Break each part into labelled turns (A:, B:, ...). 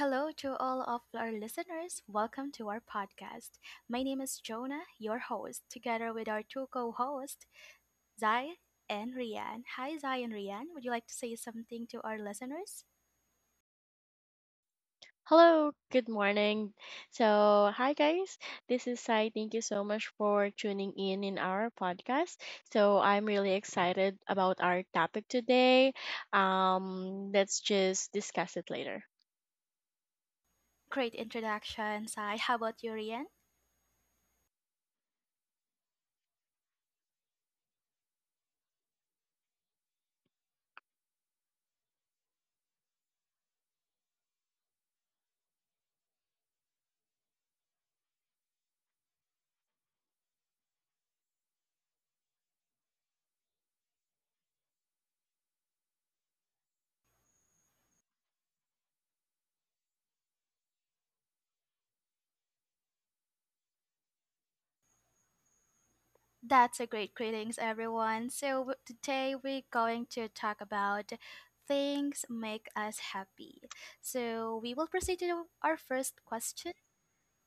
A: hello to all of our listeners. Welcome to our podcast. My name is Jonah, your host, together with our two co hosts, Zai and Rian. Hi, Zai and Rian. Would you like to say something to our listeners?
B: Hello, good morning. So, hi guys, this is Sai. Thank you so much for tuning in our podcast. So, I'm really excited about our topic today. Let's just discuss it later.
A: Great introduction, Zai. How about you, Rian? That's a great greetings, everyone. So, today we're going to talk about things make us happy. So, we will proceed to our first question.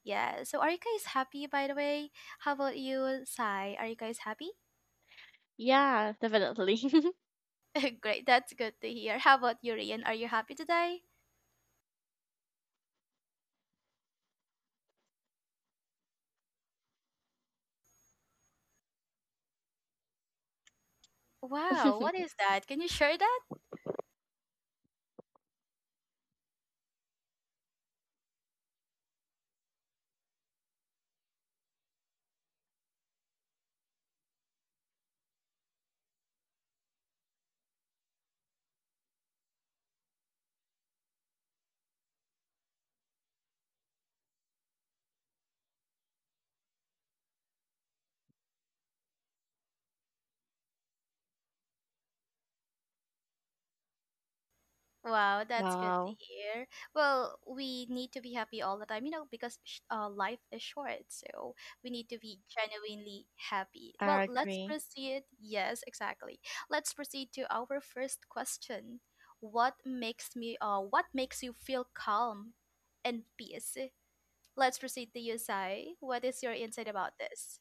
A: Yeah. So are you guys happy by the way? How about you, Sai? Are you guys happy?
B: Yeah, definitely.
A: Great, that's good to hear. How about you, Rian? Are you happy today? Wow, what is that? Can you share that? Wow, that's good to
B: Wow,
A: hear. Well, we need to be happy all the time, because life is short. So we need to be genuinely happy.
B: I
A: Well, let's
B: agree.
A: proceed. Yes, exactly. Let's proceed to our first question. What makes you feel calm and peace? Let's proceed to you, Sai. What is your insight about this?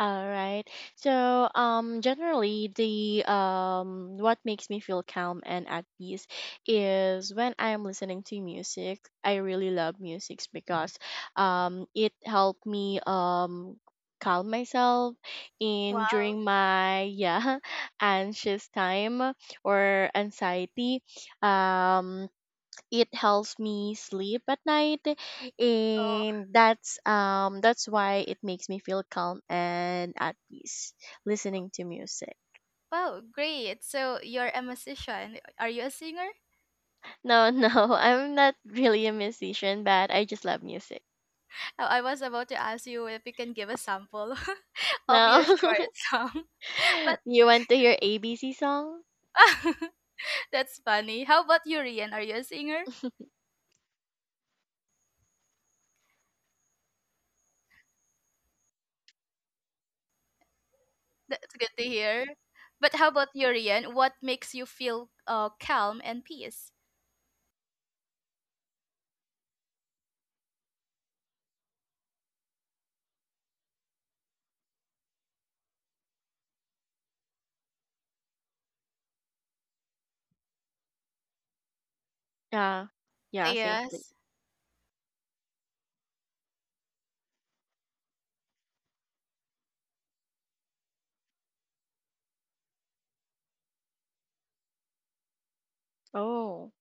B: All right. So, generally, the what makes me feel calm and at peace is when I'm listening to music. I really love music because it helped me calm myself in
A: Wow.
B: during my yeah anxious time or anxiety. Um, it helps me sleep at night,
A: Oh.
B: and that's why it makes me feel calm and at peace listening to music.
A: Wow, great. So you're a musician. Are you a singer?
B: No, no, I'm not really a musician, but I just love music
A: I was about to ask you if you can give a sample of
B: now.
A: your short song, but
B: You want to hear ABC song?
A: that's funny. How about you, Rian? Are you a singer? That's good to hear. But how about you, Rian? What makes you feel calm and peace?
B: Yeah, yeah, safely.
A: Yes.
B: Oh,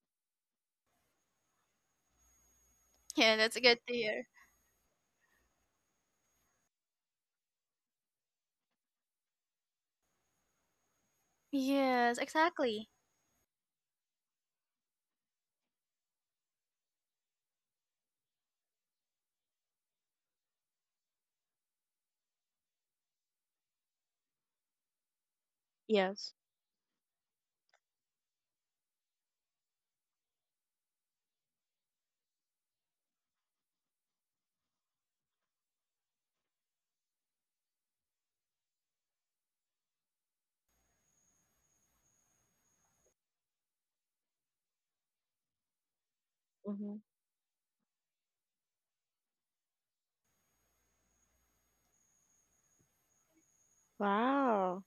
A: Yeah, that's good to hear. Yes, exactly.
B: yes. Hmm. Wow.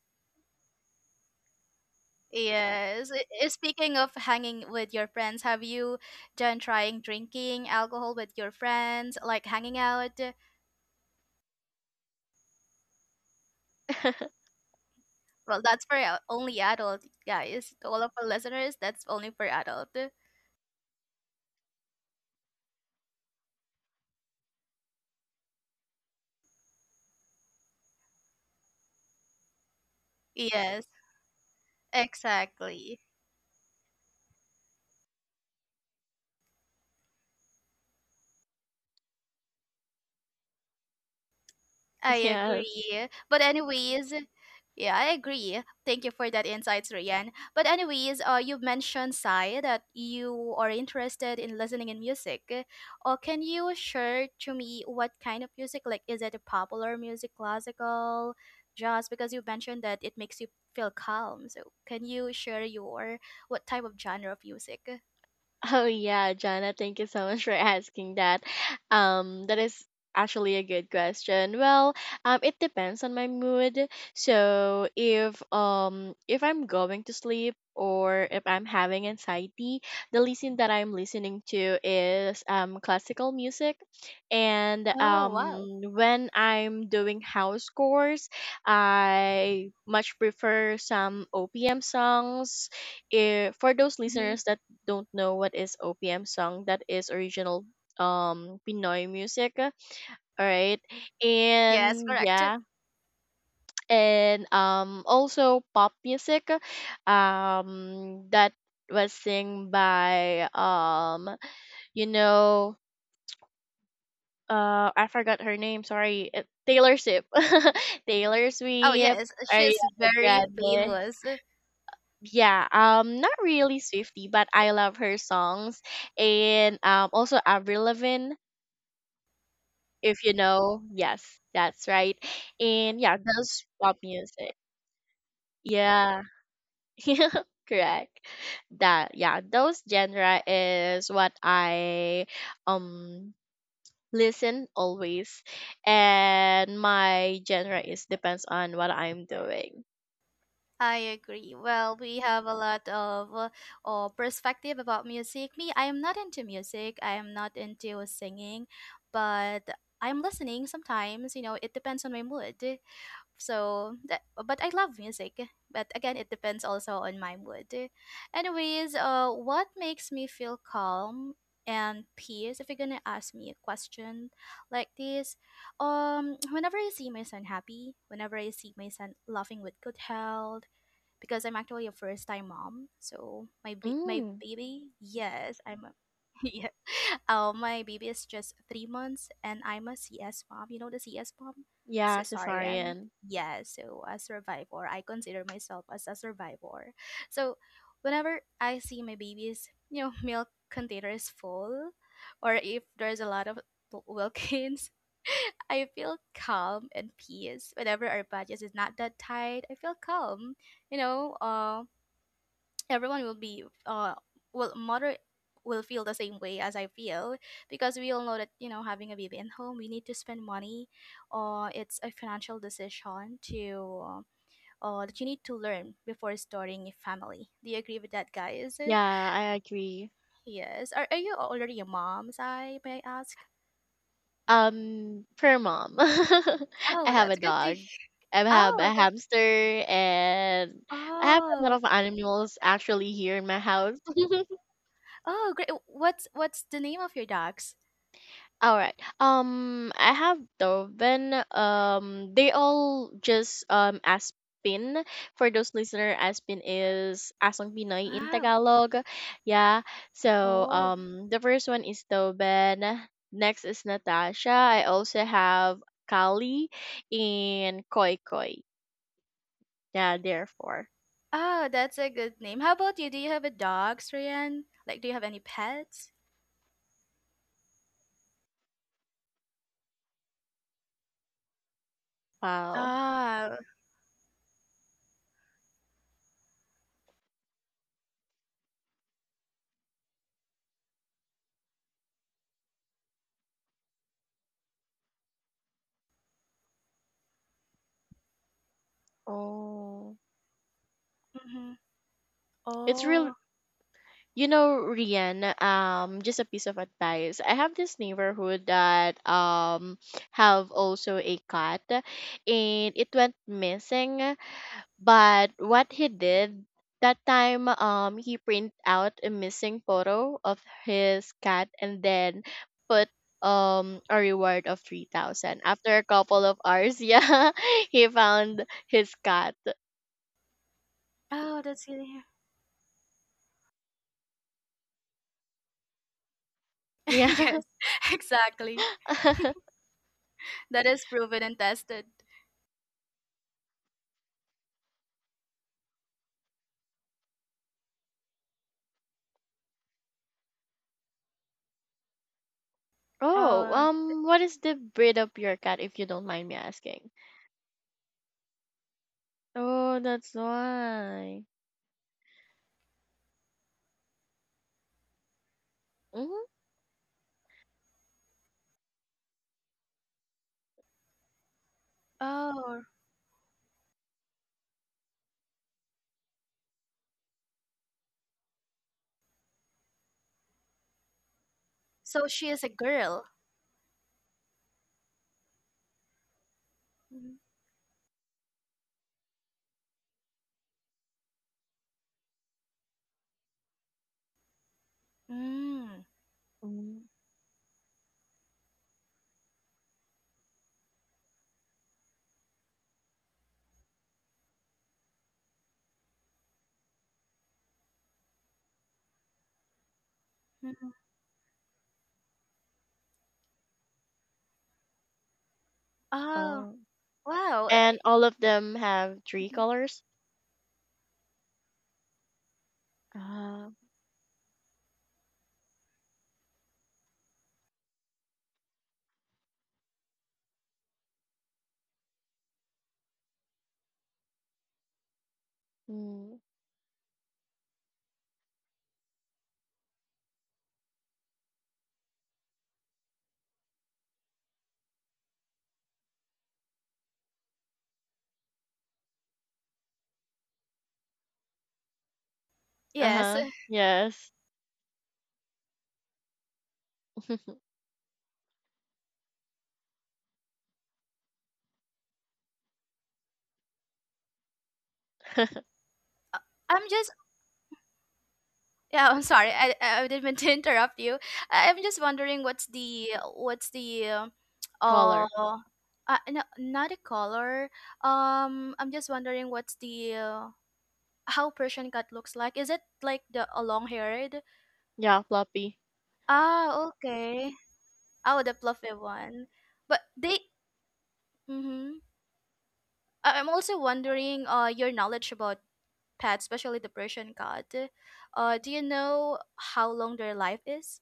A: Yes. Speaking of hanging with your friends, have you done trying drinking alcohol with your friends, like hanging out? Well, that's for only adult, guys. To all of our listeners, that's only for adult. Yes, exactly. I
B: Yes.
A: agree. But anyways, yeah, I agree. Thank you for that insights, Rian. But anyways, you mentioned Sai that you are interested in listening in music. Can you share to me what kind of music? Like, is it a popular music, classical, jazz? Because you mentioned that it makes you feel calm. So, can you share your what type of genre of music?
B: Oh yeah, Jana, thank you so much for asking that. That is actually a good question. Well, it depends on my mood. So if I'm going to sleep or if I'm having anxiety, the listen that I'm listening to is classical music, and
A: Oh, wow.
B: when I'm doing house chores, I much prefer some OPM songs. If For those
A: Hmm.
B: listeners that don't know what is OPM song, that is original Pinoy music. All right.
A: Yes,
B: And,
A: correct.
B: yeah, and also pop music that was sing by you know I forgot her name, sorry. Taylor Swift. Taylor
A: Oh
B: Swift,
A: yes,
B: Ariana
A: she's very
B: Grande.
A: famous.
B: Yeah, not really Swifty, but I love her songs, and also Avril Lavigne. If you know. Yes, that's right. And yeah, those pop music. Yeah. Correct. That, yeah, those genre is what I um listen always. And my genre is depends on what I'm doing.
A: I agree. Well, we have a lot of perspective about music. Me, I am not into music. I am not into singing, but I'm listening sometimes. It depends on my mood. So, that, but I love music. But again, it depends also on my mood. Anyways, what makes me feel calm and peace? If you're gonna ask me a question like this, whenever I see my son happy, whenever I see my son laughing with good health because I'm actually a first time mom. So my my
B: Mm,
A: baby, yes, I'm a yeah. Oh, my baby is just 3 months, and I'm a CS mom. You know the CS mom,
B: yeah,
A: cesarean.
B: cesarean.
A: Yeah, so a survivor. I consider myself as a survivor. So whenever I see my baby's, milk container is full, or if there's a lot of Wilkins, I feel calm and peace. Whenever our budget is not that tight, I feel calm. You know uh everyone will be will mother will feel the same way as I feel, because we all know that, having a baby in home, we need to spend money, or it's a financial decision to that you need to learn before starting a family. Do you agree with that, guys?
B: Yeah, I agree.
A: Yes, are you already a mom, I may I ask?
B: Per mom. I
A: Oh,
B: have a
A: that's good to.
B: dog. I have
A: Oh,
B: a
A: that.
B: hamster, and I have a lot
A: oh
B: of animals actually here in my house.
A: oh great. What's the name of your dogs?
B: All right. I have Doven. They all just Aspin. For those listener, Aspin is Asong Pinoy in
A: Wow.
B: Tagalog. Yeah. So
A: oh
B: the first one is Doven. Next is Natasha. I also have Kali and Koi Koi. Yeah. Therefore,
A: Oh, that's a good name. How about you? Do you have a dog, Ryan? Like, do you have any pets?
B: wow.
A: Ah,
B: Oh,
A: mm-hmm.
B: it's real.
A: Oh,
B: You know, Rian, just a piece of advice. I have this neighborhood that have also a cat, and it went missing. But what he did that time, he print out a missing photo of his cat and then put a reward of 3,000. After a couple of hours, yeah, he found his cat.
A: oh, that's good to hear.
B: Yeah.
A: Yes, exactly. That is proven and tested.
B: Oh,
A: Oh,
B: what is the breed of your cat, if you don't mind me asking? Oh, that's why. Mm-hmm.
A: oh, so she is a girl. Mhm. Mm.
B: Mm.
A: Mhm. Oh,
B: Oh,
A: wow.
B: and all of them have three
A: Mhm.
B: colors. Ah, mm, uh
A: Yes,
B: huh. Yes.
A: I'm just. Yeah, I'm sorry. I didn't mean to interrupt you. I'm just wondering what's the what's the uh
B: Color.
A: no, not a color. I'm just wondering what's the how Persian cat looks like. Is it like the a long haired?
B: Yeah, floppy.
A: Ah, okay. Oh, the fluffy one. But they. Mm-hmm. I'm also wondering your knowledge about pets, especially the Persian cat. Do you know how long their life is?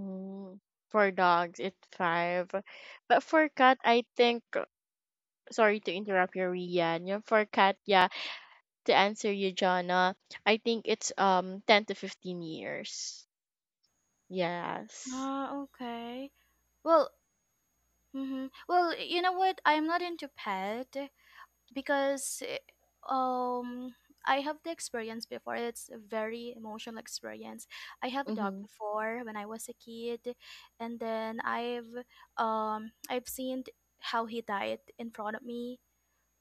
B: Mm. For dogs, it's five. But for cat, I think. Sorry to interrupt you, Rian. Yeah, for cat, yeah. To answer you, Jana, I think it's 10 to 15 years. Yes.
A: Ah, okay. Well, mm-hmm. Well, you know what? I'm not into pet because um I have the experience before. It's a very emotional experience. I have a dog
B: Mm-hmm.
A: before when I was a kid, and then I've seen how he died in front of me.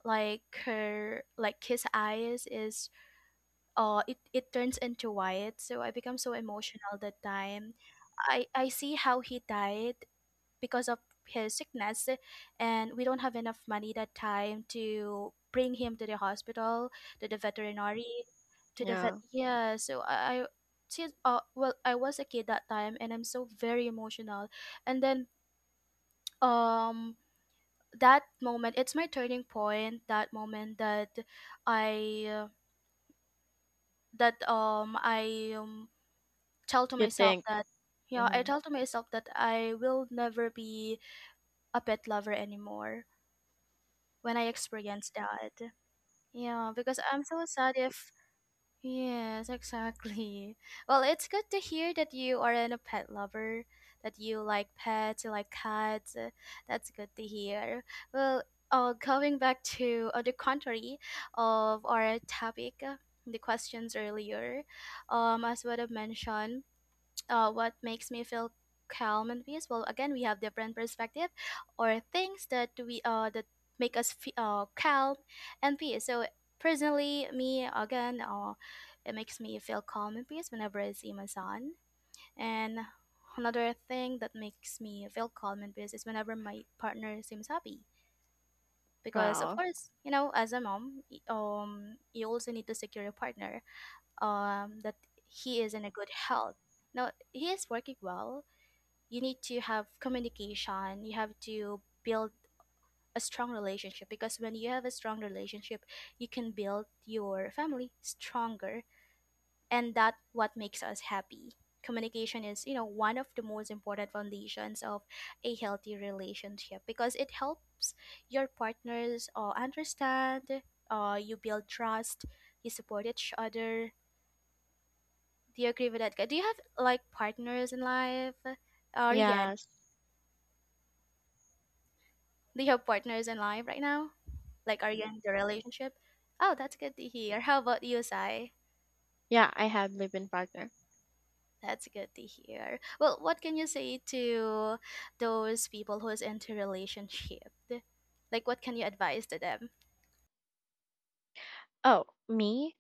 A: Like her, like his eyes is it turns into white. So I become so emotional that time. I see how he died because of his sickness and we don't have enough money that time to bring him to the hospital, to the veterinary, to the vet.
B: Yeah.
A: Yeah. So I since well, I was a kid that time, and I'm so very emotional, and then um that moment, it's my turning point. That moment that i uh, I tell to
B: You
A: myself
B: think?
A: that, yeah, I
B: Mm-hmm.
A: tell to myself that I will never be a pet lover anymore when I experienced that. Yeah, because I'm so sad if. Yes, exactly. Well, it's good to hear that you are a pet lover, that you like pets, you like cats. That's good to hear. Well, going back to the contrary of our topic, the questions earlier, as what I mentioned, what makes me feel calm and peace. Well, again, we have different perspective or things that we that make us fe calm and peace. So personally me, again, it makes me feel calm and peace whenever I see my son. And another thing that makes me feel calm and peace is whenever my partner seems happy, because of
B: Wow.
A: course, you know, as a mom, you also need to secure a partner, that he is in a good health now, he is working well. You need to have communication, you have to build a strong relationship, because when you have a strong relationship, you can build your family stronger, and that what makes us happy. Communication is, one of the most important foundations of a healthy relationship because it helps your partners understand, you build trust, you support each other. Do you agree with that, guy? Do you have like partners in life, Rian?
B: Yes.
A: Do you have partners in life right now? Like, are you in the relationship? Oh, that's good to hear. How about you, Sai?
B: Yeah, I have living partner.
A: That's good to hear. Well, what can you say to those people who is into relationship? Like, what can you advise to them?
B: Oh, me?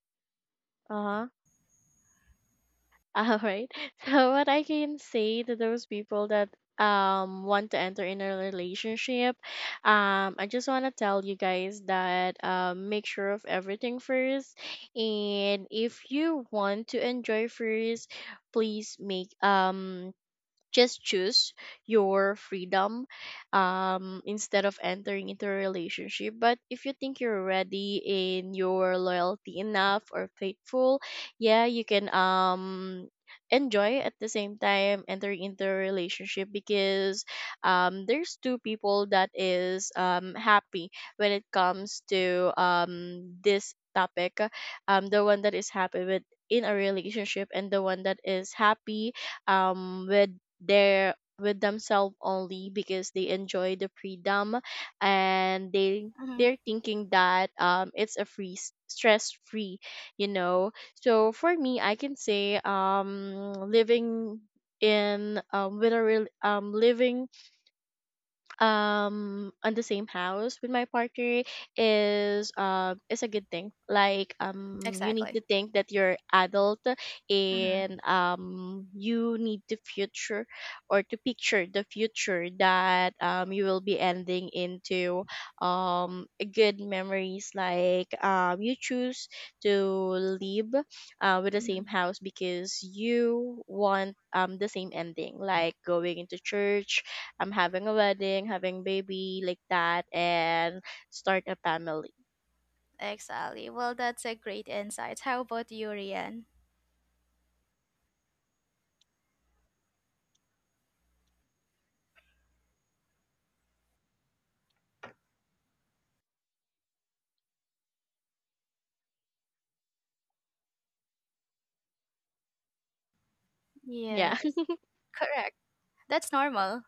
B: Uh-huh. All right. So what I can say to those people that want to enter in a relationship, I just wanna tell you guys that make sure of everything first. And if you want to enjoy first, please make just choose your freedom instead of entering into a relationship. But if you think you're ready in your loyalty enough or faithful, yeah, you can enjoy at the same time entering into a relationship, because there's two people that is happy when it comes to this topic. The one that is happy with in a relationship, and the one that is happy with they're with themselves only because they enjoy the freedom, and they
A: Mm-hmm.
B: they're thinking that it's a free, stress free. you know so for me, I can say living in with a real living on the same house with my partner is a good thing. Like you need
A: Exactly.
B: to think that you're adult,
A: Mm-hmm.
B: and you need to future or to picture the future that you will be ending into a good memories. Like you choose to live with the
A: Hmm.
B: same house because you want the same ending, like going into church. I'm having a wedding, having baby like that, and start a family.
A: Exactly. Well, that's a great insight. How about you, Rian? Yeah,
B: Yeah.
A: correct. That's normal.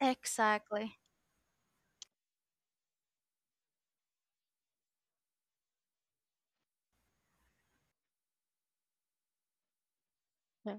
A: Exactly.
B: Yeah.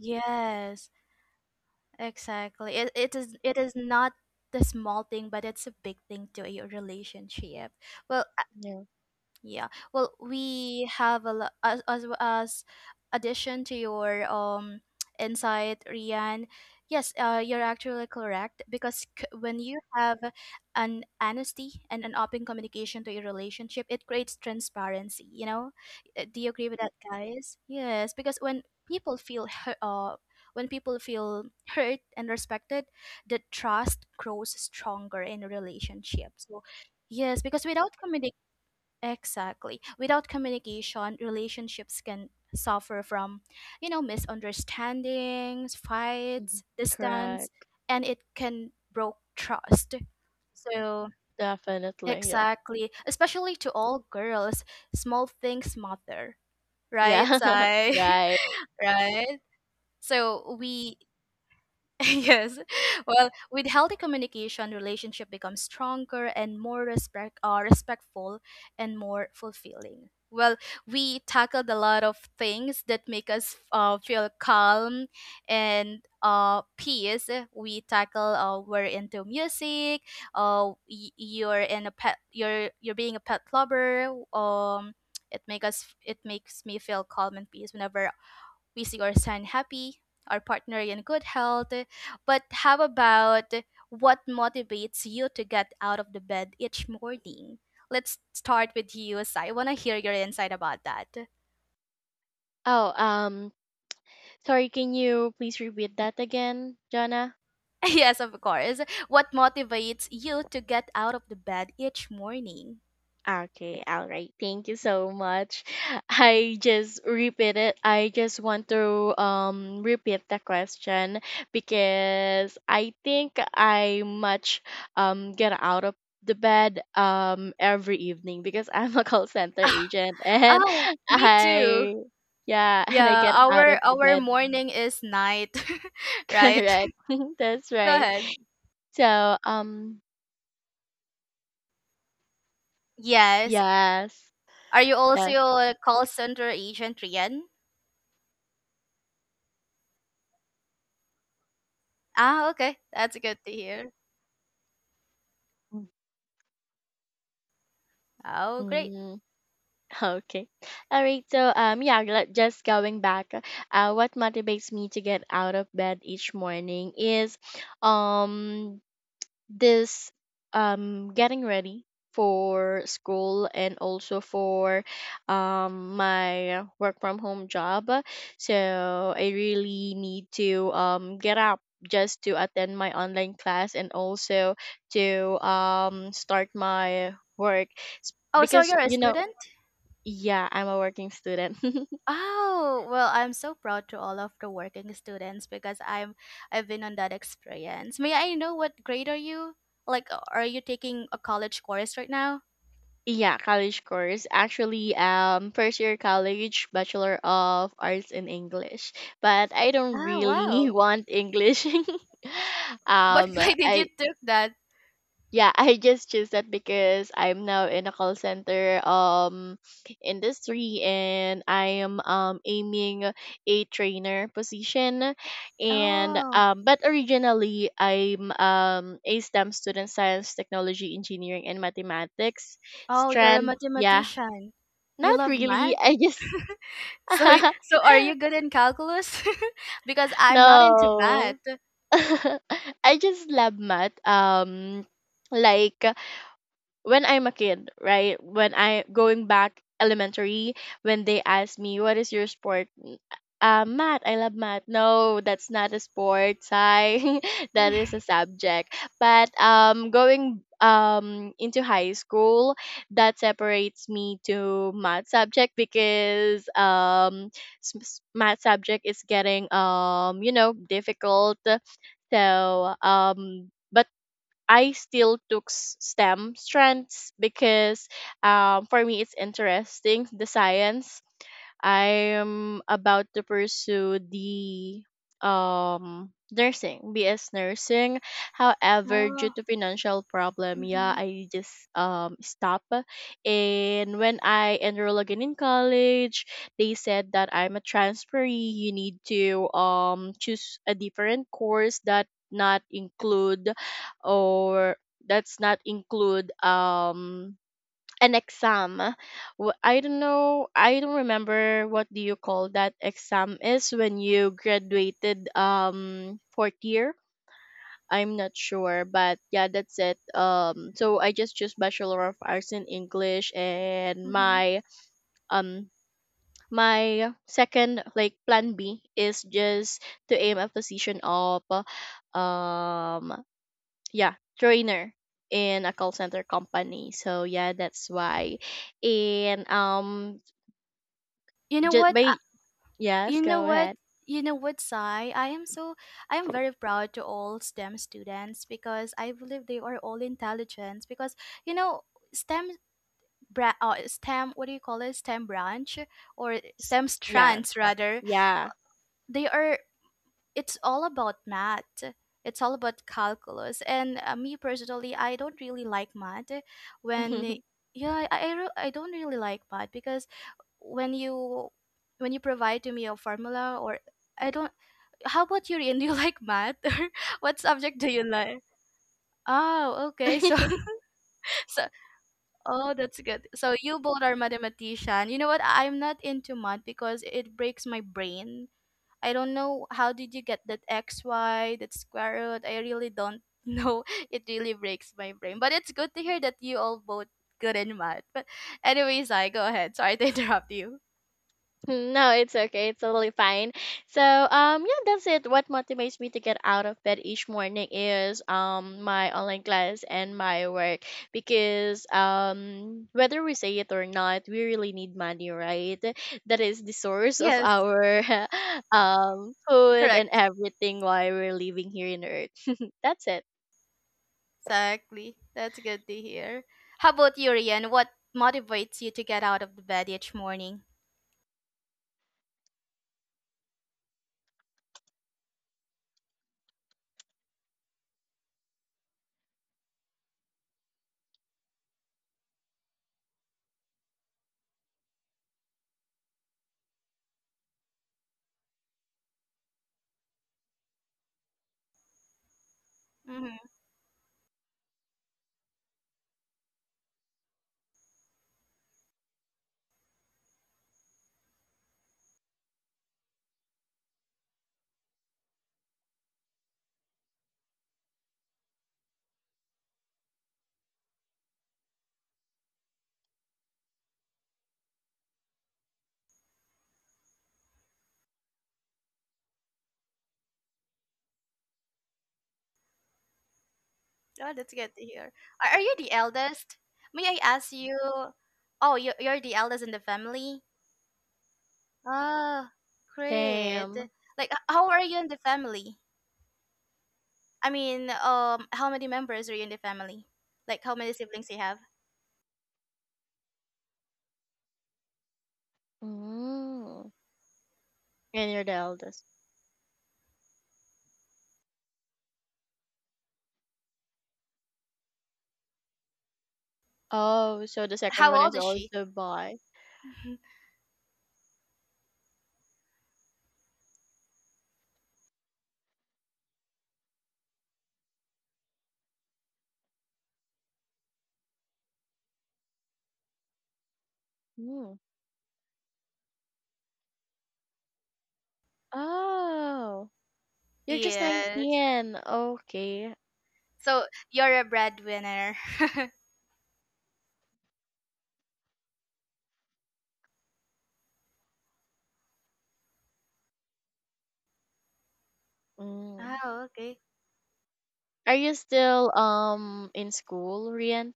A: Yes, exactly. It is not the small thing, but it's a big thing to your relationship. Well,
B: Yeah.
A: yeah. Well, we have a lot as addition to your insight, Rian. Yes, you're actually correct, because c- when you have an honesty and an open communication to your relationship, it creates transparency. You know. Do you agree with that, guys? Yes, because when people feel hurt and respected, the trust grows stronger in a relationship. So, yes, because without communication. Exactly. Without communication, relationships can suffer from, misunderstandings,
B: Mhm.
A: fights, distance,
B: Correct.
A: and it can broke trust. So,
B: Definitely. Yeah.
A: exactly, especially to all girls, small things matter, right,
B: Yeah.
A: Sai?
B: Right.
A: Right? So, we yes. Well, with healthy communication, relationship becomes stronger and more respectful and more fulfilling. Well, we tackled a lot of things that make us feel calm and peace. We're into music. You're in a pet. You're being a pet lover. It make us. It makes me feel calm and peace whenever we see our son happy, our partner in good health. But how about what motivates you to get out of the bed each morning? Let's start with you, Sai. I want to hear your insight about that.
B: Oh, sorry, can you please repeat that again, Jonna?
A: Yes, of course. What motivates you to get out of the bed each morning?
B: Okay, all right. Thank you so much. I just repeat it. I just want to repeat the question because I think I much get out of the bed every evening because I'm a call center agent, and
A: Oh, me too.
B: I yeah, and I
A: Yeah,
B: get out
A: our
B: of the
A: our
B: bed.
A: morning is night, right?
B: Correct. That's
A: Go
B: right.
A: ahead.
B: So,
A: Yes.
B: yes,
A: Are you also
B: that's
A: a call center agent, Rian? Ah, okay. That's good to hear. Oh, great.
B: mm, okay. All right. So, yeah, just going back, what motivates me to get out of bed each morning is, um, this, getting ready for school, and also for, my work from home job. So I really need to, get up just to attend my online class, and also to, start my work s-
A: Oh, so
B: because
A: you're a student?
B: yeah, I'm a working student.
A: Oh, well, I'm so proud to all of the working students because I've been on that experience. May I know what grade are you? Like, are you taking a college course right now?
B: Yeah, college course. Actually, first year college, Bachelor of Arts in English. But I don't
A: Ah,
B: really
A: wow.
B: want English.
A: But
B: um,
A: why did you
B: I
A: took that?
B: Yeah, I just choose that because I'm now in a call center industry, and I am aiming a trainer position, and
A: Oh,
B: but originally I'm a STEM student, science technology engineering and mathematics
A: oh, you're a
B: strand. Yeah,
A: mathematician. You
B: not
A: love
B: really,
A: math.
B: I just
A: So, y- so are you good in calculus? Because I'm not into math.
B: no I just love math. Like when I'm a kid, right? When I going back elementary, when they ask me what is your sport, math. I love math. No, that's not a sport. I that is a subject. But going into high school, that separates me to math subject, because math subject is getting difficult. But I still took STEM strands because for me it's interesting the science. I'm about to pursue the nursing, BS nursing. However, due
A: Oh,
B: to financial problem, yeah,
A: mm-hmm,
B: I just stop. And when I enroll again in college, they said that I'm a transferee. You need to choose a different course that not include or that's not include an exam. I don't know, I don't remember what do you call that exam is when you graduated fourth year, I'm not sure. But yeah, that's it. So I just choose Bachelor of Arts in English, and
A: mm-hmm.
B: um my second, like plan B, is just to aim a position of um yeah, trainer in a call center company. So yeah, that's why, and
A: You know
B: just
A: what?
B: by, yes,
A: You know
B: go
A: what?
B: ahead.
A: You know what, Sai? I am very proud to all STEM students because I believe they are all intelligent because you know STEM STEM, what do you call it? STEM branch or
B: S-
A: STEM
B: yeah,
A: strands rather.
B: yeah.
A: They are It's all about math, it's all about calculus. And me personally, I don't really like math. when eh, yeah, I don't really like math because when you when you provide to me a formula, or I don't. How about you, Rian? Do you like math or what subject do you like? Oh, okay. So so, oh, that's good. So you both are mathematician. You know what? I'm not into math because it breaks my brain. I don't know how did you get that XY, that square root. I really don't know. It really breaks my brain. But it's good to hear that you all both good in math. But anyways, I go ahead. Sorry to interrupt you.
B: No, it's okay. It's totally fine. So, yeah, that's it. What motivates me to get out of bed each morning is my online class and my work, because whether we say it or not, we really need money, right? That is the source of
A: Yes,
B: our food and
A: correct.
B: everything while we're living here in Earth. That's it.
A: Exactly. That's good to hear. How about you, Rian? What motivates you to get out of the bed each morning? Mm-hmm. Oh, that's good to hear. Are you the eldest? May I ask you? Oh, you're the eldest in the family. Ah, great.
B: Damn.
A: Like, how are you in the family? I mean, how many members are you in the family? Like, how many siblings you have?
B: Mm. And you're the eldest. Oh, so the second
A: How
B: one is
A: old is she?
B: also by. Oh, you're just
A: Yes.
B: 19. Okay.
A: So you're a breadwinner.
B: Mm.
A: Oh, okay.
B: Are you still in school, Rian?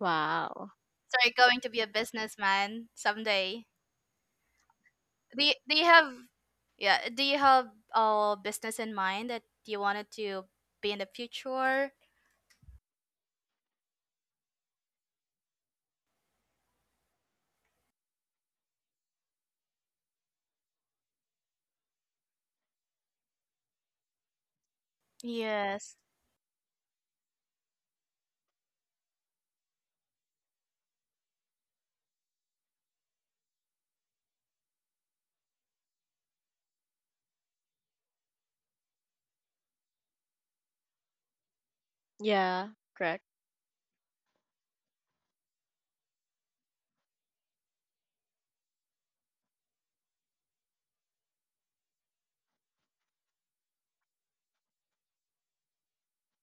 B: Wow.
A: So you're going to be a businessman someday. Do you have, yeah, do you have a business in mind that you wanted to be in the future? Yes.
B: Yeah, correct.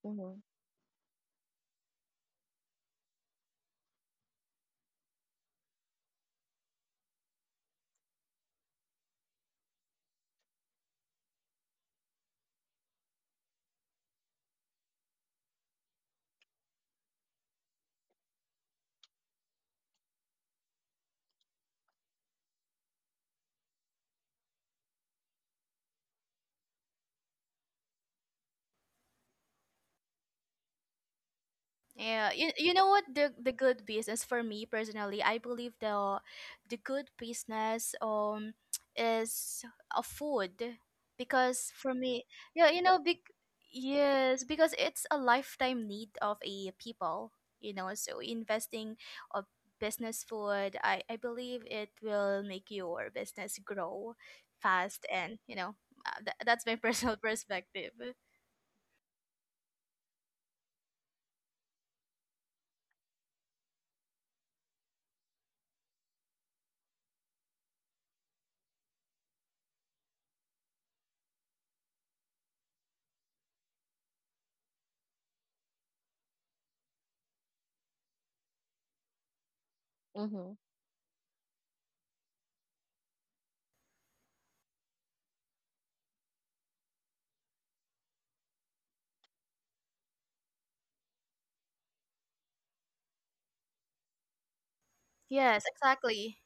B: Mm-hmm.
A: Yeah, you know what, the good business for me personally, I believe the good business is a food. Because for me, yeah, big yes, because it's a lifetime need of a people, so investing of business food, I believe it will make your business grow fast, and, that's my personal perspective.
B: Mm-hmm.
A: Yes, exactly.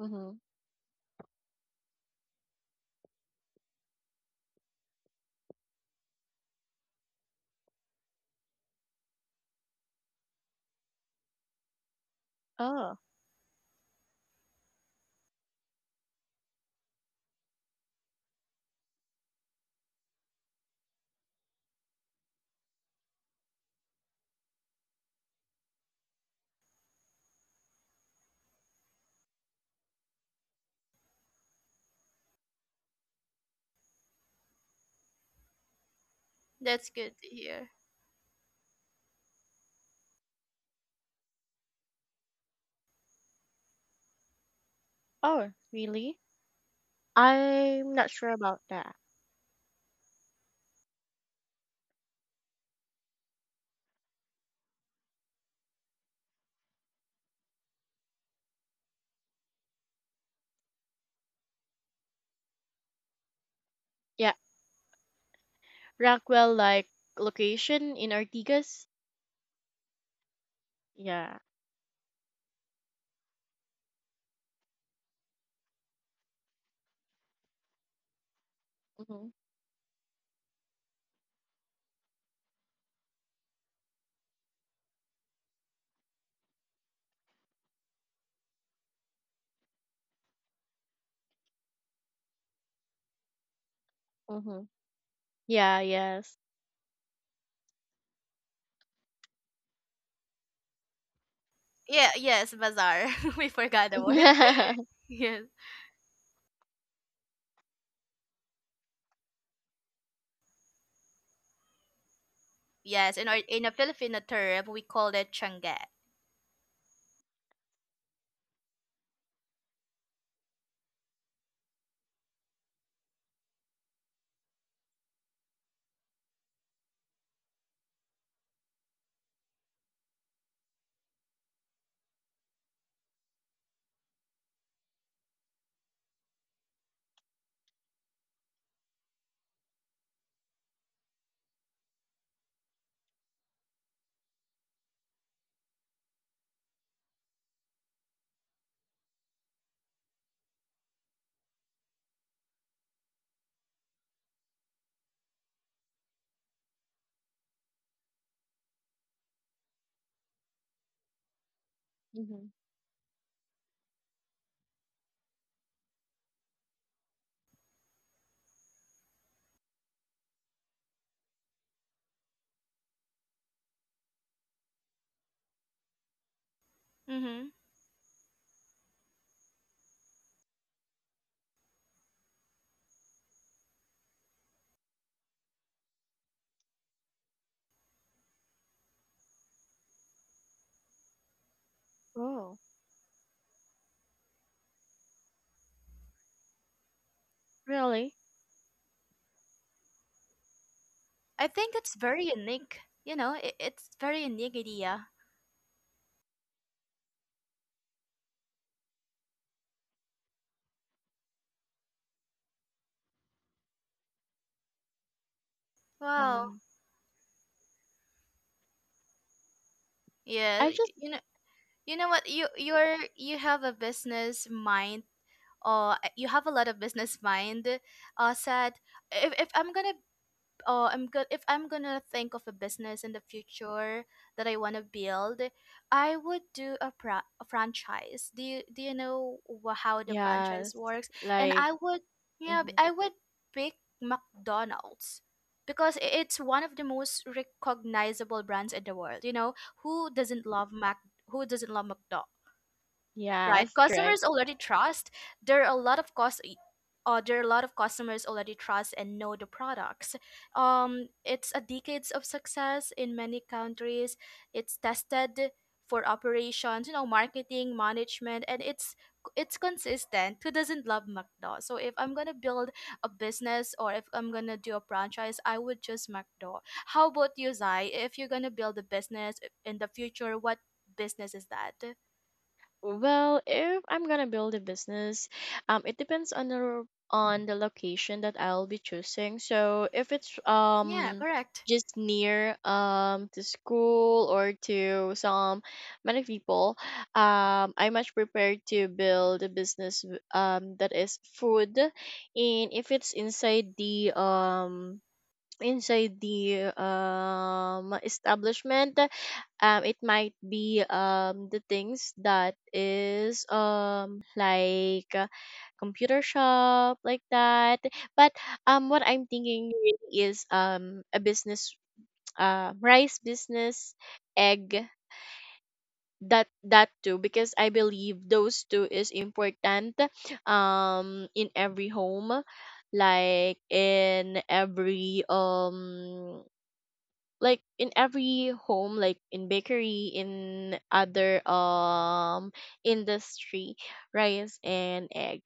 B: Mm-hmm. Oh.
A: That's good to hear.
B: Oh, really? I'm not sure about that. Yeah. Rockwell like location in Artigas? Yeah. Mm-hmm. Mm-hmm. Yeah, yes.
A: Yeah, yes, bazaar. We forgot the word.
B: Mm-hmm.
A: Yes. Yes, in our in a Filipino term, we call it changge. Mm-hmm.
B: Oh, really?
A: I think it's very unique. You know, it's very unique idea. Wow.
B: Mm.
A: Yeah,
B: I just
A: you know what? You have a business mind. Or you have a lot of business mind. Said, if I'm gonna I'm good, if I'm gonna think of a business in the future that I want to build, I would do a franchise. Do you know, how the
B: yes,
A: franchise works? And
B: like
A: I would yeah, b-
B: mm-hmm.
A: I would pick McDonald's because it's one of the most recognizable brands in the world. You know, who doesn't love McDonald's? Right,
B: Yes, correct.
A: customers already trust there are a lot of cost there are a lot of customers already trust and know the products. It's a decades of success in many countries. It's tested for operations, marketing management, and it's consistent. Who doesn't love mcdo? So if I'm gonna build a business, or if I'm gonna do a franchise, I would choose mcdo. How about you, Zai? If you're gonna build a business in the future, what business is that?
B: Well, if I'm gonna build a business, it depends on the on the location that I'll be choosing. So if it's
A: Yeah, correct.
B: just near to school or to some many people, I'm much prepared to build a business that is food, and if it's inside the establishment, it might be the things that is like computer shop like that. But what I'm thinking really is a business, rice business, egg, that too, because I believe those two is important in every home, like in every um like in every home, like in bakery, in other industry, rice and egg.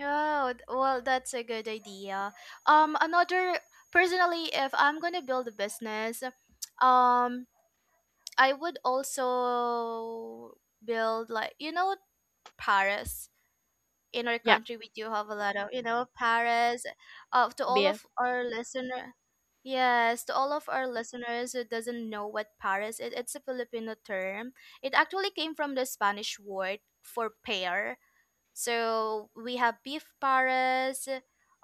A: Oh, well, that's a good idea. Another personally, if I'm gonna build a business, um, I would also build, like, Paris. In our
B: Yeah.
A: country, we do have a lot of, Paris. Uh, to all
B: Beef.
A: of our listener, yes, to all of our listeners who doesn't know what Paris is, it's a Filipino term. It actually came from the Spanish word for pear, so we have beef paras.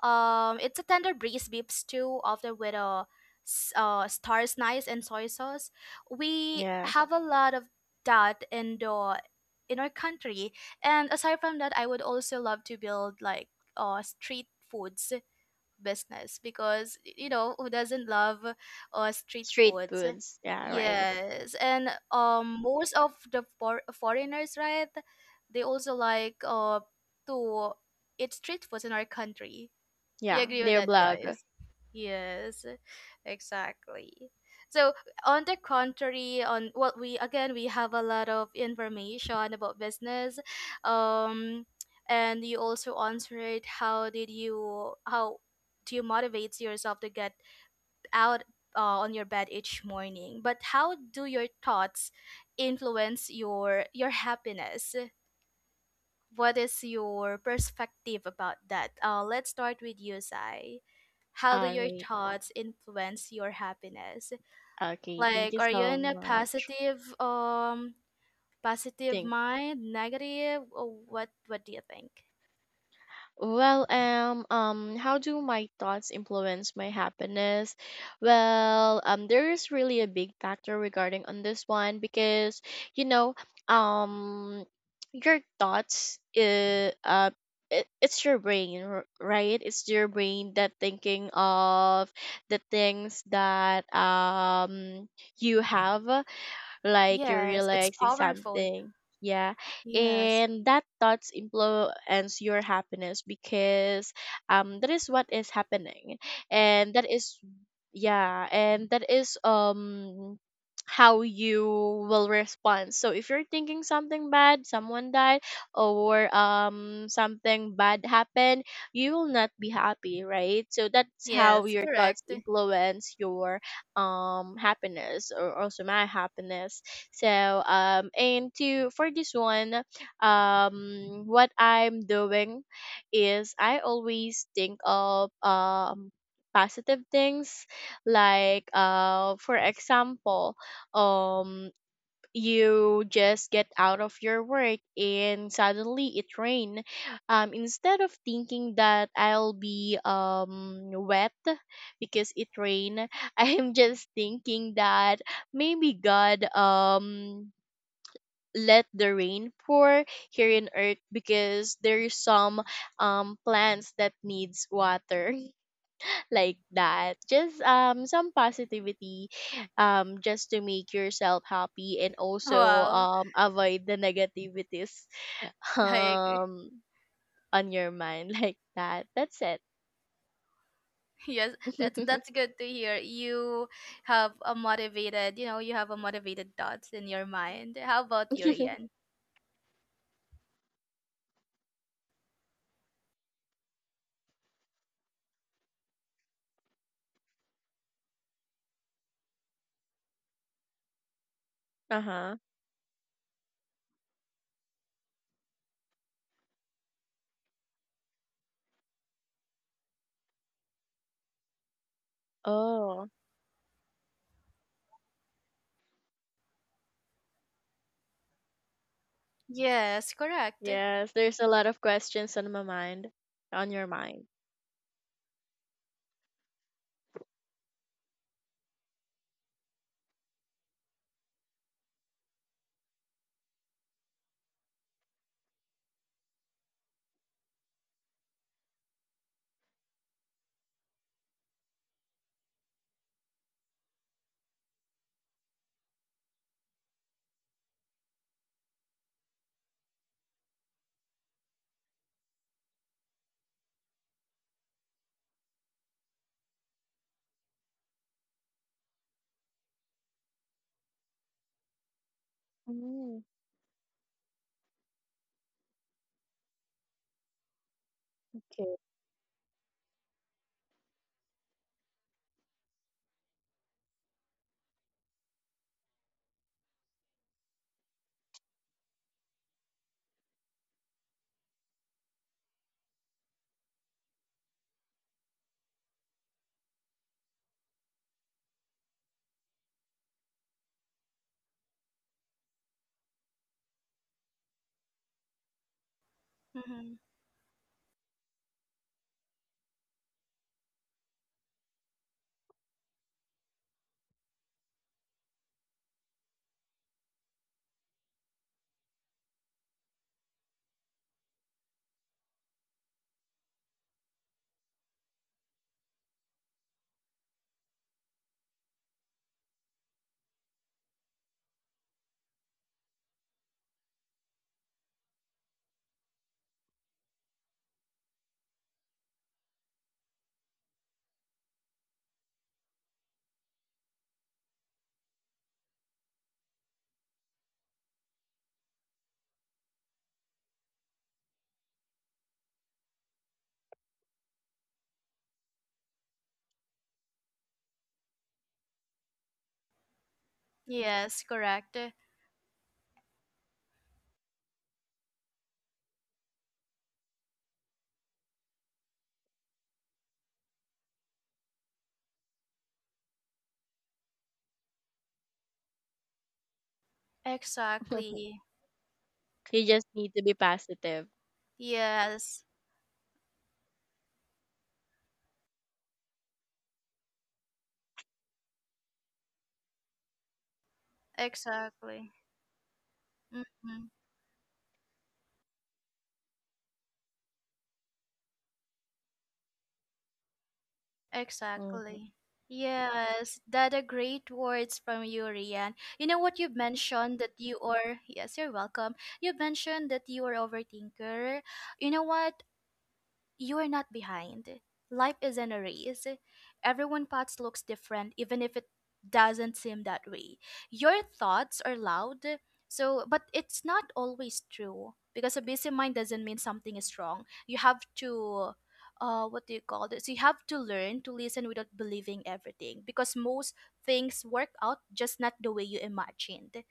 A: It's a tender breeze beef stew, often with a star snice and soy sauce. We
B: Yeah.
A: have a lot of that in our country. And aside from that, I would also love to build like street foods business, because, you know, who doesn't love street
B: Street
A: foods?
B: foods. Yeah. Right.
A: Yes. And most of the foreigners, right, they also like to eat street foods in our country. Do you
B: Yeah,
A: agree with
B: they're
A: that,
B: black.
A: guys? Yes, exactly. So, on the contrary, on what we, again we have a lot of information about business. um, and you also answered, how do you motivate yourself to get out on your bed each morning? But how do your thoughts influence your happiness? What is your perspective about that? Let's start with you, Sai. How do
B: All
A: your
B: right.
A: thoughts influence your happiness?
B: Okay. Thank
A: Like,
B: you
A: are you
B: so
A: in a
B: much.
A: positive
B: Thank.
A: mind, negative, or what? What do you think?
B: Well, how do my thoughts influence my happiness? Well, there is really a big factor regarding on this one because you know, um, your thoughts, it's your brain, right? It's your brain that thinking of the things that you have, like you're
A: Yes, it's
B: realizing
A: powerful.
B: something. Yeah.
A: Yes,
B: And that thoughts influence your happiness because that is what is happening. And that is yeah, and that is how you will respond. So if you're thinking something bad, someone died or something bad happened, you will not be happy, right? So that's how
A: yes,
B: your thoughts
A: correct.
B: influence your happiness or also my happiness. So um and to for this one, what I'm doing is I always think of positive things, like for example, um you just get out of your work and suddenly it rain. Instead of thinking that I'll be wet because it rain, I am just thinking that maybe God let the rain pour here in earth because there is some plants that needs water, like that. Just some positivity, just to make yourself happy and also
A: Wow,
B: avoid the negativities
A: I agree.
B: um on your mind like that. That's it.
A: Yes, that's good to hear. You have a motivated thoughts in your mind. How about you, Ian?
B: Uh-huh. Oh
A: Yes, correct.
B: yes, there's a lot of questions on my mind. On your mind. mm, okay.
A: Hmm. Yes, correct. Exactly.
B: You just need to be positive.
A: Yes, exactly. Hmm.
B: Hmm.
A: Exactly. Yes, that are great words from you, Rian. You know what you mentioned, that you are, yes, you're welcome. You mentioned that you are overthinker. You know what? You are not behind. Life isn't a race. Everyone path looks different, even if it doesn't seem that way. Your thoughts are loud, but it's not always true, because a busy mind doesn't mean something is wrong. You have to what do you call this? You have to learn to listen without believing everything, because most things work out, just not the way you imagined.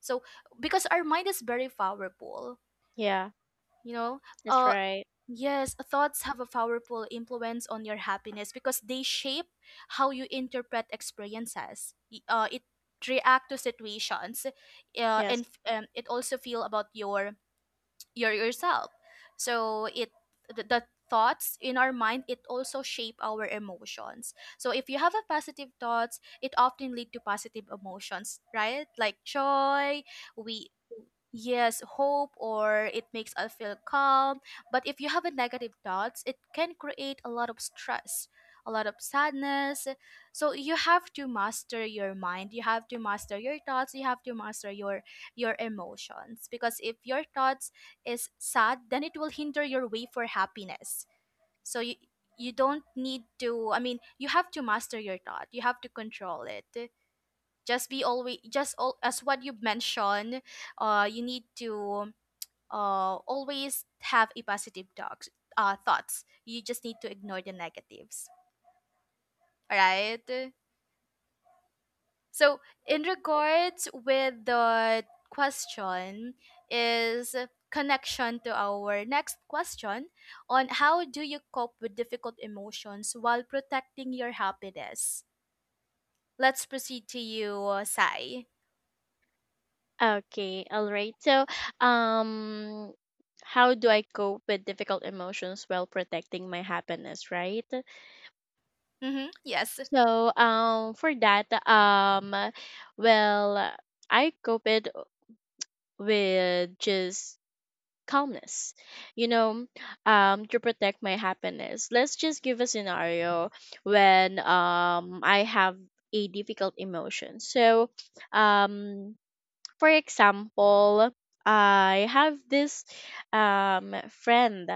A: So because our mind is very powerful,
B: Yeah,
A: you know,
B: that's
A: uh
B: right.
A: Yes, thoughts have a powerful influence on your happiness, because they shape how you interpret experiences. It react to situations,
B: Yes.
A: and it also feel about your yourself. So the thoughts in our mind, it also shape our emotions. So if you have a positive thoughts, it often lead to positive emotions, right? Like joy, we yes, hope, or it makes us feel calm. But if you have a negative thoughts, it can create a lot of stress, a lot of sadness. So you have to master your mind, you have to master your thoughts, you have to master your emotions. Because if your thoughts is sad, then it will hinder your way for happiness. So you don't need to, I mean, you have to master your thought, you have to control it. Just be always, just all, as what you mentioned, you need to always have a positive dogs, thoughts. You just need to ignore the negatives. All right, so in regards with the question, is connection to our next question, on how do you cope with difficult emotions while protecting your happiness? Let's proceed to you, Sai.
B: Okay, all right. So, um, how do I cope with difficult emotions while protecting my happiness, right?
A: Mm-hmm. Yes.
B: So, for that, well, I cope it with just calmness, you know, to protect my happiness. Let's just give a scenario when I have a difficult emotion. So, um, for example, I have this friend.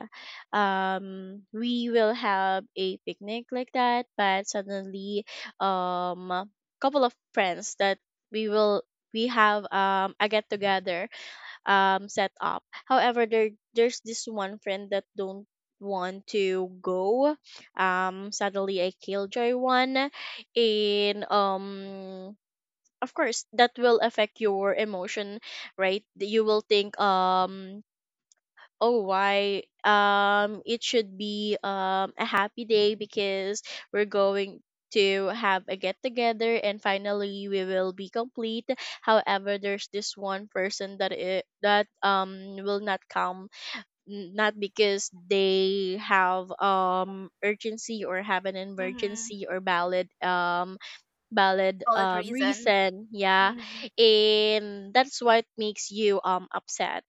B: Um we will have a picnic like that, but suddenly a couple of friends that we will we have a get together, set up. However, there's this one friend that don't want to go. Suddenly I killjoy one, and of course that will affect your emotion, right? You will think, oh why it should be a happy day because we're going to have a get together and finally we will be complete. However, there's this one person that will not come, not because they have urgency or have an
A: Mm-hmm.
B: emergency or valid valid
A: Valid reason.
B: reason. Yeah.
A: Mhm.
B: And that's what makes you upset,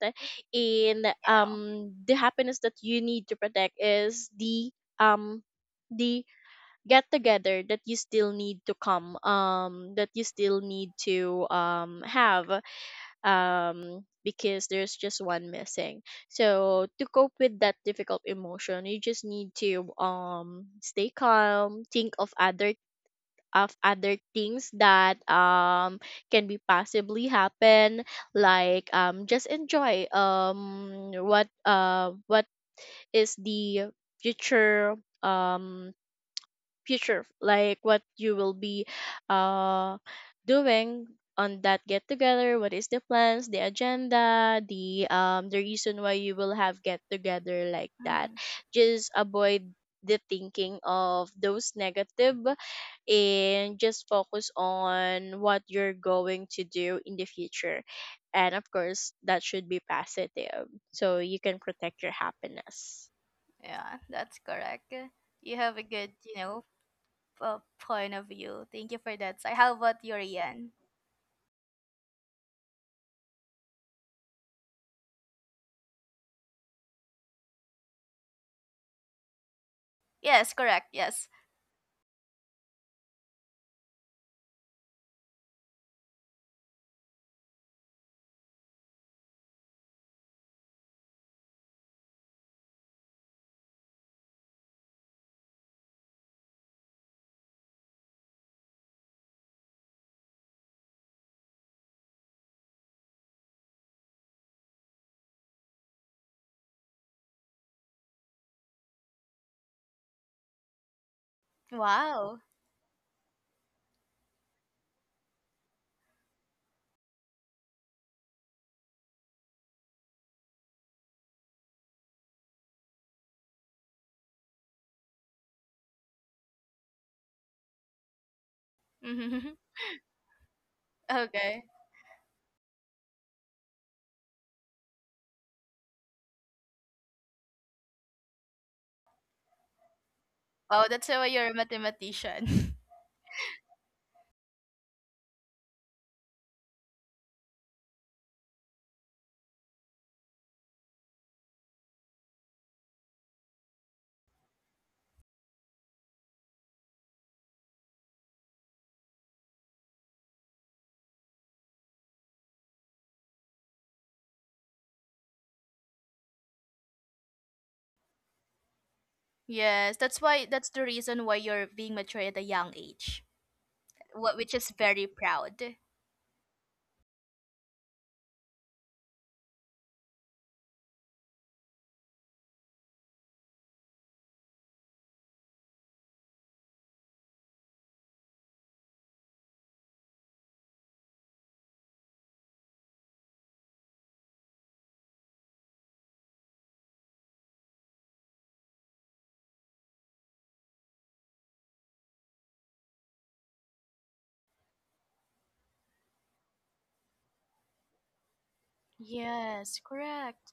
B: and the happiness that you need to protect is um the get together that you still need to come, that you still need to have, because there's just one missing. So to cope with that difficult emotion, you just need to stay calm, think of other things that can be possibly happen, like just enjoy what is the future, um future, like what you will be uh doing on that get together, what is the plans, the agenda, the reason why you will have get together, like that.
A: Mhm.
B: Just avoid the thinking of those negative and just focus on what you're going to do in the future, and of course that should be positive, so you can protect your happiness.
A: Yeah, that's correct. You have a good, point of view. Thank you for that. So, how about you, Rian? Yes, correct. Yes. Wow. Mhm. Okay. Wow, that's why you're a mathematician. Yes, that's the reason why you're being mature at a young age, which is very proud. Yes, correct.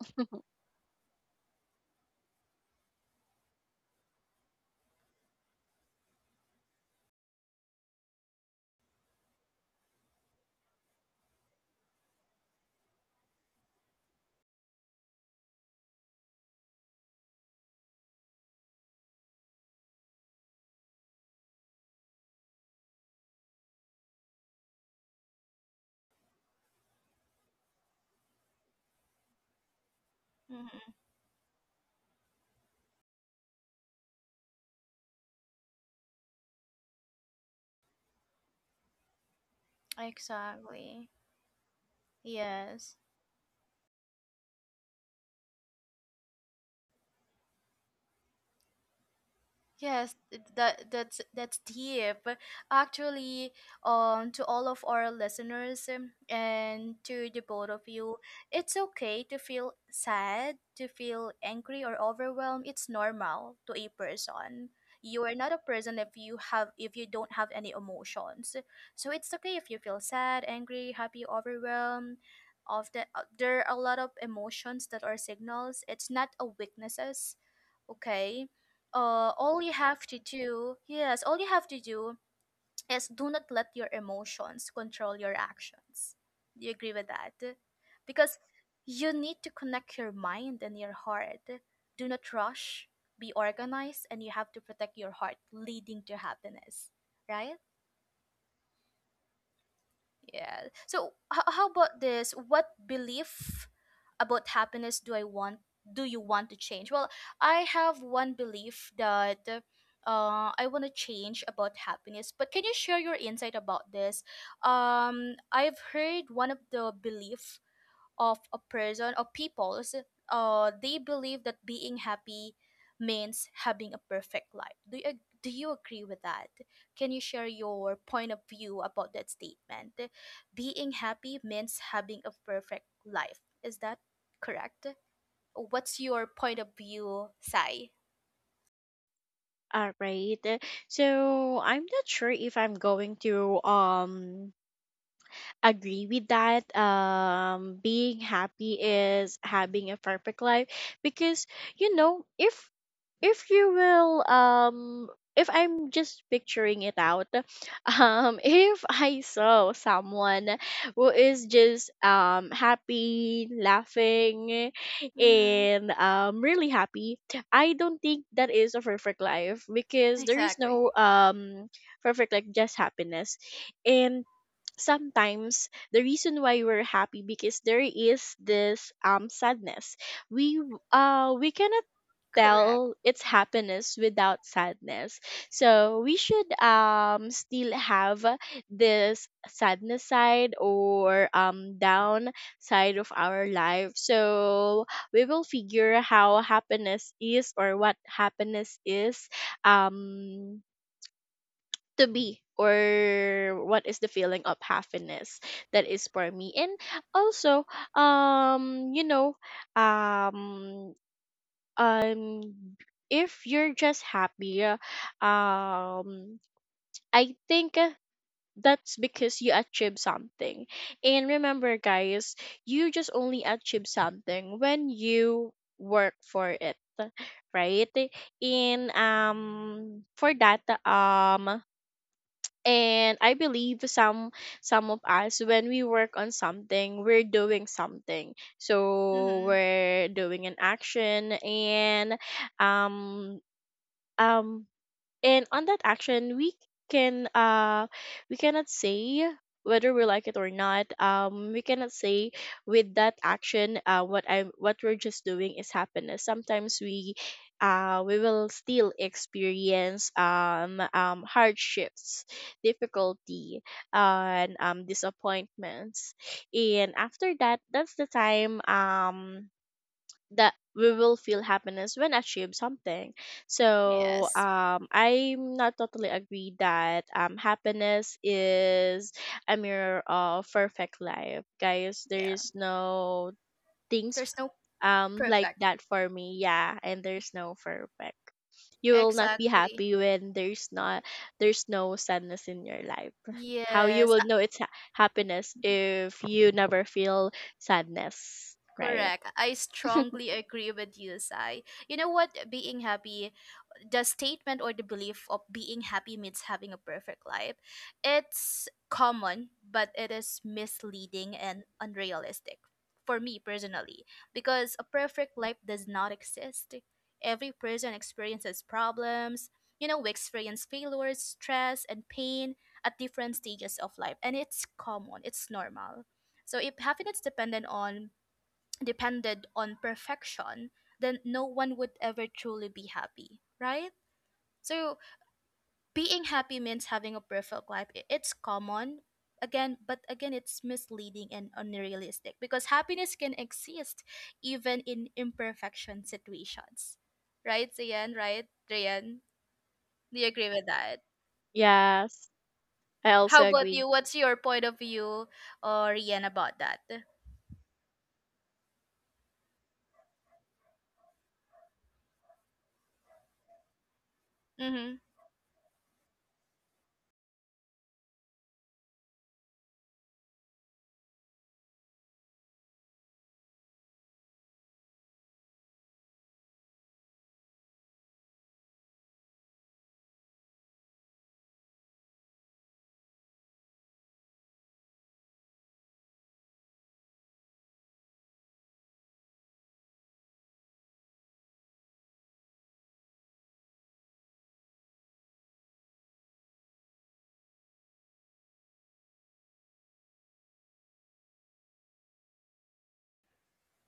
A: Mhm. Exactly. Yes. Yes, that's deep. Actually, to all of our listeners, and to the both of you, it's okay to feel sad, to feel angry, or overwhelmed. It's normal to a person. You are not a person if you have if you don't have any emotions. So it's okay if you feel sad, angry, happy, overwhelmed. There are a lot of emotions that are signals. It's not a weaknesses. Okay, all you have to do is, do not let your emotions control your actions. Do you agree with that? Because you need to connect your mind and your heart. Do not rush, be organized, and you have to protect your heart, leading to happiness, right? Yeah. So how about this? What belief about happiness do I want? Do you want to change? Well, I have one belief that I want to change about happiness. But can you share your insight about this? I've heard one of the belief of a person, or peoples, they believe that being happy means having a perfect life. Do you agree with that? Can you share your point of view about that statement? Being happy means having a perfect life. Is that correct? What's your point of view, Sai?
B: All right. So I'm not sure if I'm going to agree with that. Being happy is having a perfect life, because you know, if you will if I'm just picturing it out, if I saw someone who is just happy, laughing,
A: Mm-hmm.
B: and really happy, I don't think that is a perfect life, because there is
A: Exactly.
B: no perfect, like just happiness. And sometimes the reason why we're happy, because there is this sadness. We cannot
A: Correct.
B: tell its happiness without sadness. So we should still have this sadness side or down side of our life. So we will figure how happiness is or what happiness is um to be, or what is the feeling of happiness, that is for me. And also, you know, um um if you're just happy, um I think that's because you achieve something. And remember guys, you just only achieve something when you work for it, right? And for that, and I believe some of us, when we work on something, we're doing something, so
A: Mm-hmm.
B: we're doing an action. And um um and on that action we can uh cannot say whether we like it or not. We cannot say with that action what we're just doing is happiness. Sometimes we will still experience hardships, difficulty, and disappointments, and after that, that's the time that we will feel happiness, when achieve something. So
A: Yes.
B: I'm not totally agree that happiness is a mirror of perfect life, guys. There
A: Yeah,
B: is no things
A: there's no
B: like
A: perfect.
B: that, for me. Yeah. And there's no perfect. You will not be
A: Exactly.
B: happy when there's no sadness in your life. How you
A: Yes.
B: will know it's happiness if you never feel sadness, right?
A: Correct. I strongly agree with you, Sai. You know what? Being happy, the statement, or the belief of being happy means having a perfect life, it's common, but it is misleading and unrealistic for me personally, because a perfect life does not exist. Every person experiences problems. You know, we experience failures, stress, and pain at different stages of life, and it's common, it's normal. So if happiness dependent on depended on perfection, then no one would ever truly be happy, right? So being happy means having a perfect life. It's common again, but again, it's misleading and unrealistic, because happiness can exist even in imperfection situations. Right, Zian, right? Rian, do you agree with that?
B: Yes. I also
A: How about
B: agree.
A: you? What's your point of view, or Rian, about that? Mm-hmm.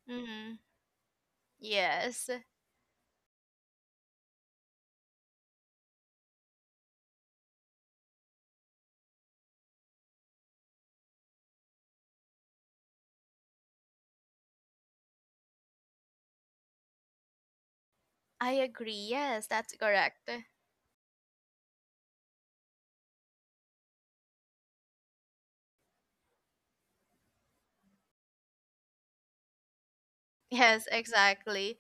A: Mm-hmm. Yes. I agree. Yes, that's correct. Yes, exactly.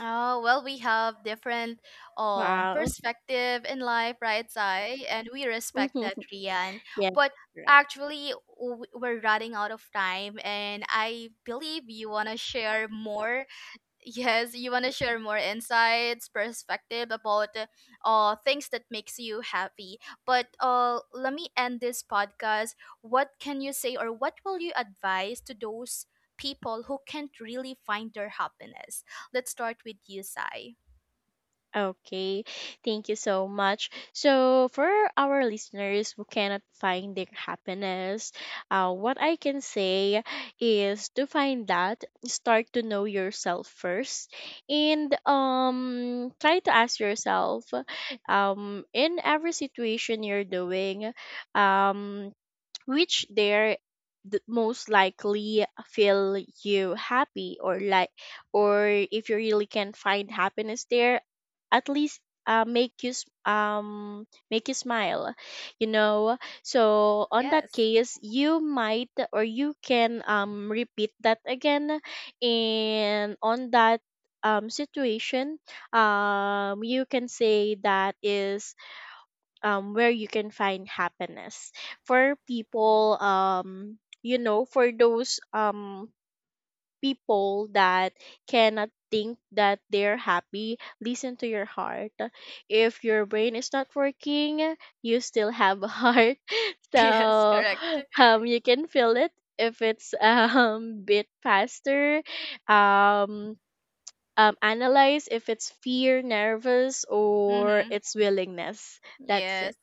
A: Oh, well, we have different
B: Wow.
A: perspective in life, right, Sai? And we respect that, Rian.
B: Yes,
A: But
B: right.
A: actually, we're running out of time, and I believe you wanna share more. Yes, you want to share more insights, perspective about things that makes you happy. But let me end this podcast. What can you say, or what will you advise to those people who can't really find their happiness? Let's start with you, Sai.
B: Okay. Thank you so much. So, for our listeners who cannot find their happiness, what I can say is to find that, start to know yourself first. And try to ask yourself, in every situation you're doing, um, which they're the most likely feel you happy or like, or if you really can find happiness there. At least make you make you smile, you know. So on that
A: Yes.
B: case you might, or you can repeat that again, and on that situation, you can say that is where you can find happiness for people. You know, for those people that cannot think that they're happy, listen to your heart. If your brain is not working, you still have a heart.
A: Yes,
B: So
A: correct.
B: you can feel it if it's bit faster. um Analyze if it's fear, nervous, or
A: Mm-hmm.
B: it's willingness. That's
A: Yes,
B: it.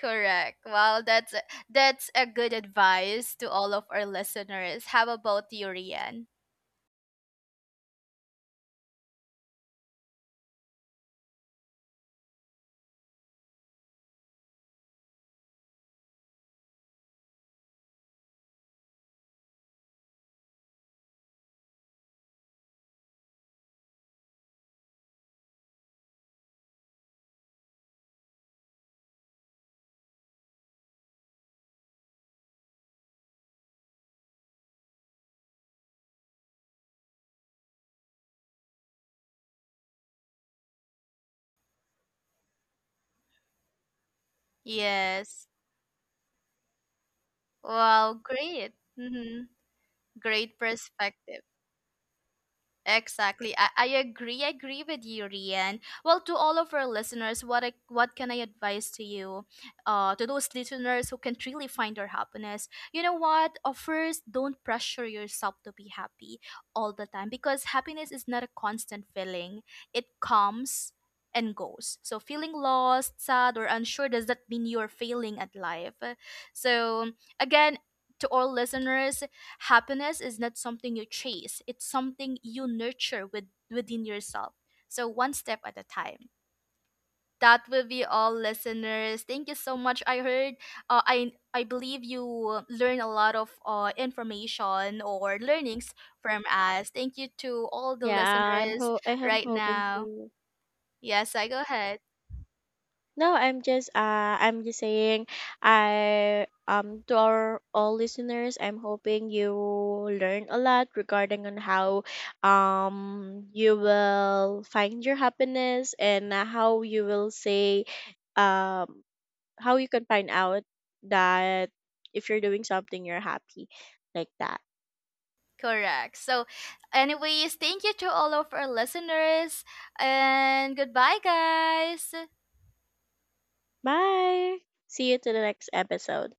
A: correct. Well, that's a good advice to all of our listeners. How about you, Rian? Yes. Wow, great. Hmm. Great perspective. Exactly. I agree. I agree with you, Rian. Well, to all of our listeners, what can I advise to you? To those listeners who can really find their happiness, you know what? First, don't pressure yourself to be happy all the time, because happiness is not a constant feeling. It comes and goes. So feeling lost, sad, or unsure does not mean you're failing at life. So again, to all listeners, happiness is not something you chase, it's something you nurture within yourself. So, one step at a time. That will be all, listeners. Thank you so much. I heard, I believe you learn a lot of information or learnings from us. Thank you to all the
B: Yeah,
A: listeners
B: I am
A: right
B: hoping
A: now.
B: to.
A: Yes, I go ahead.
B: No, I'm just saying I to our all listeners, I'm hoping you learn a lot regarding on how you will find your happiness, and how you will say, um how you can find out that if you're doing something you're happy, like that.
A: Correct. So, anyways, thank you to all of our listeners, and goodbye, guys.
B: Bye. See you to the next episode.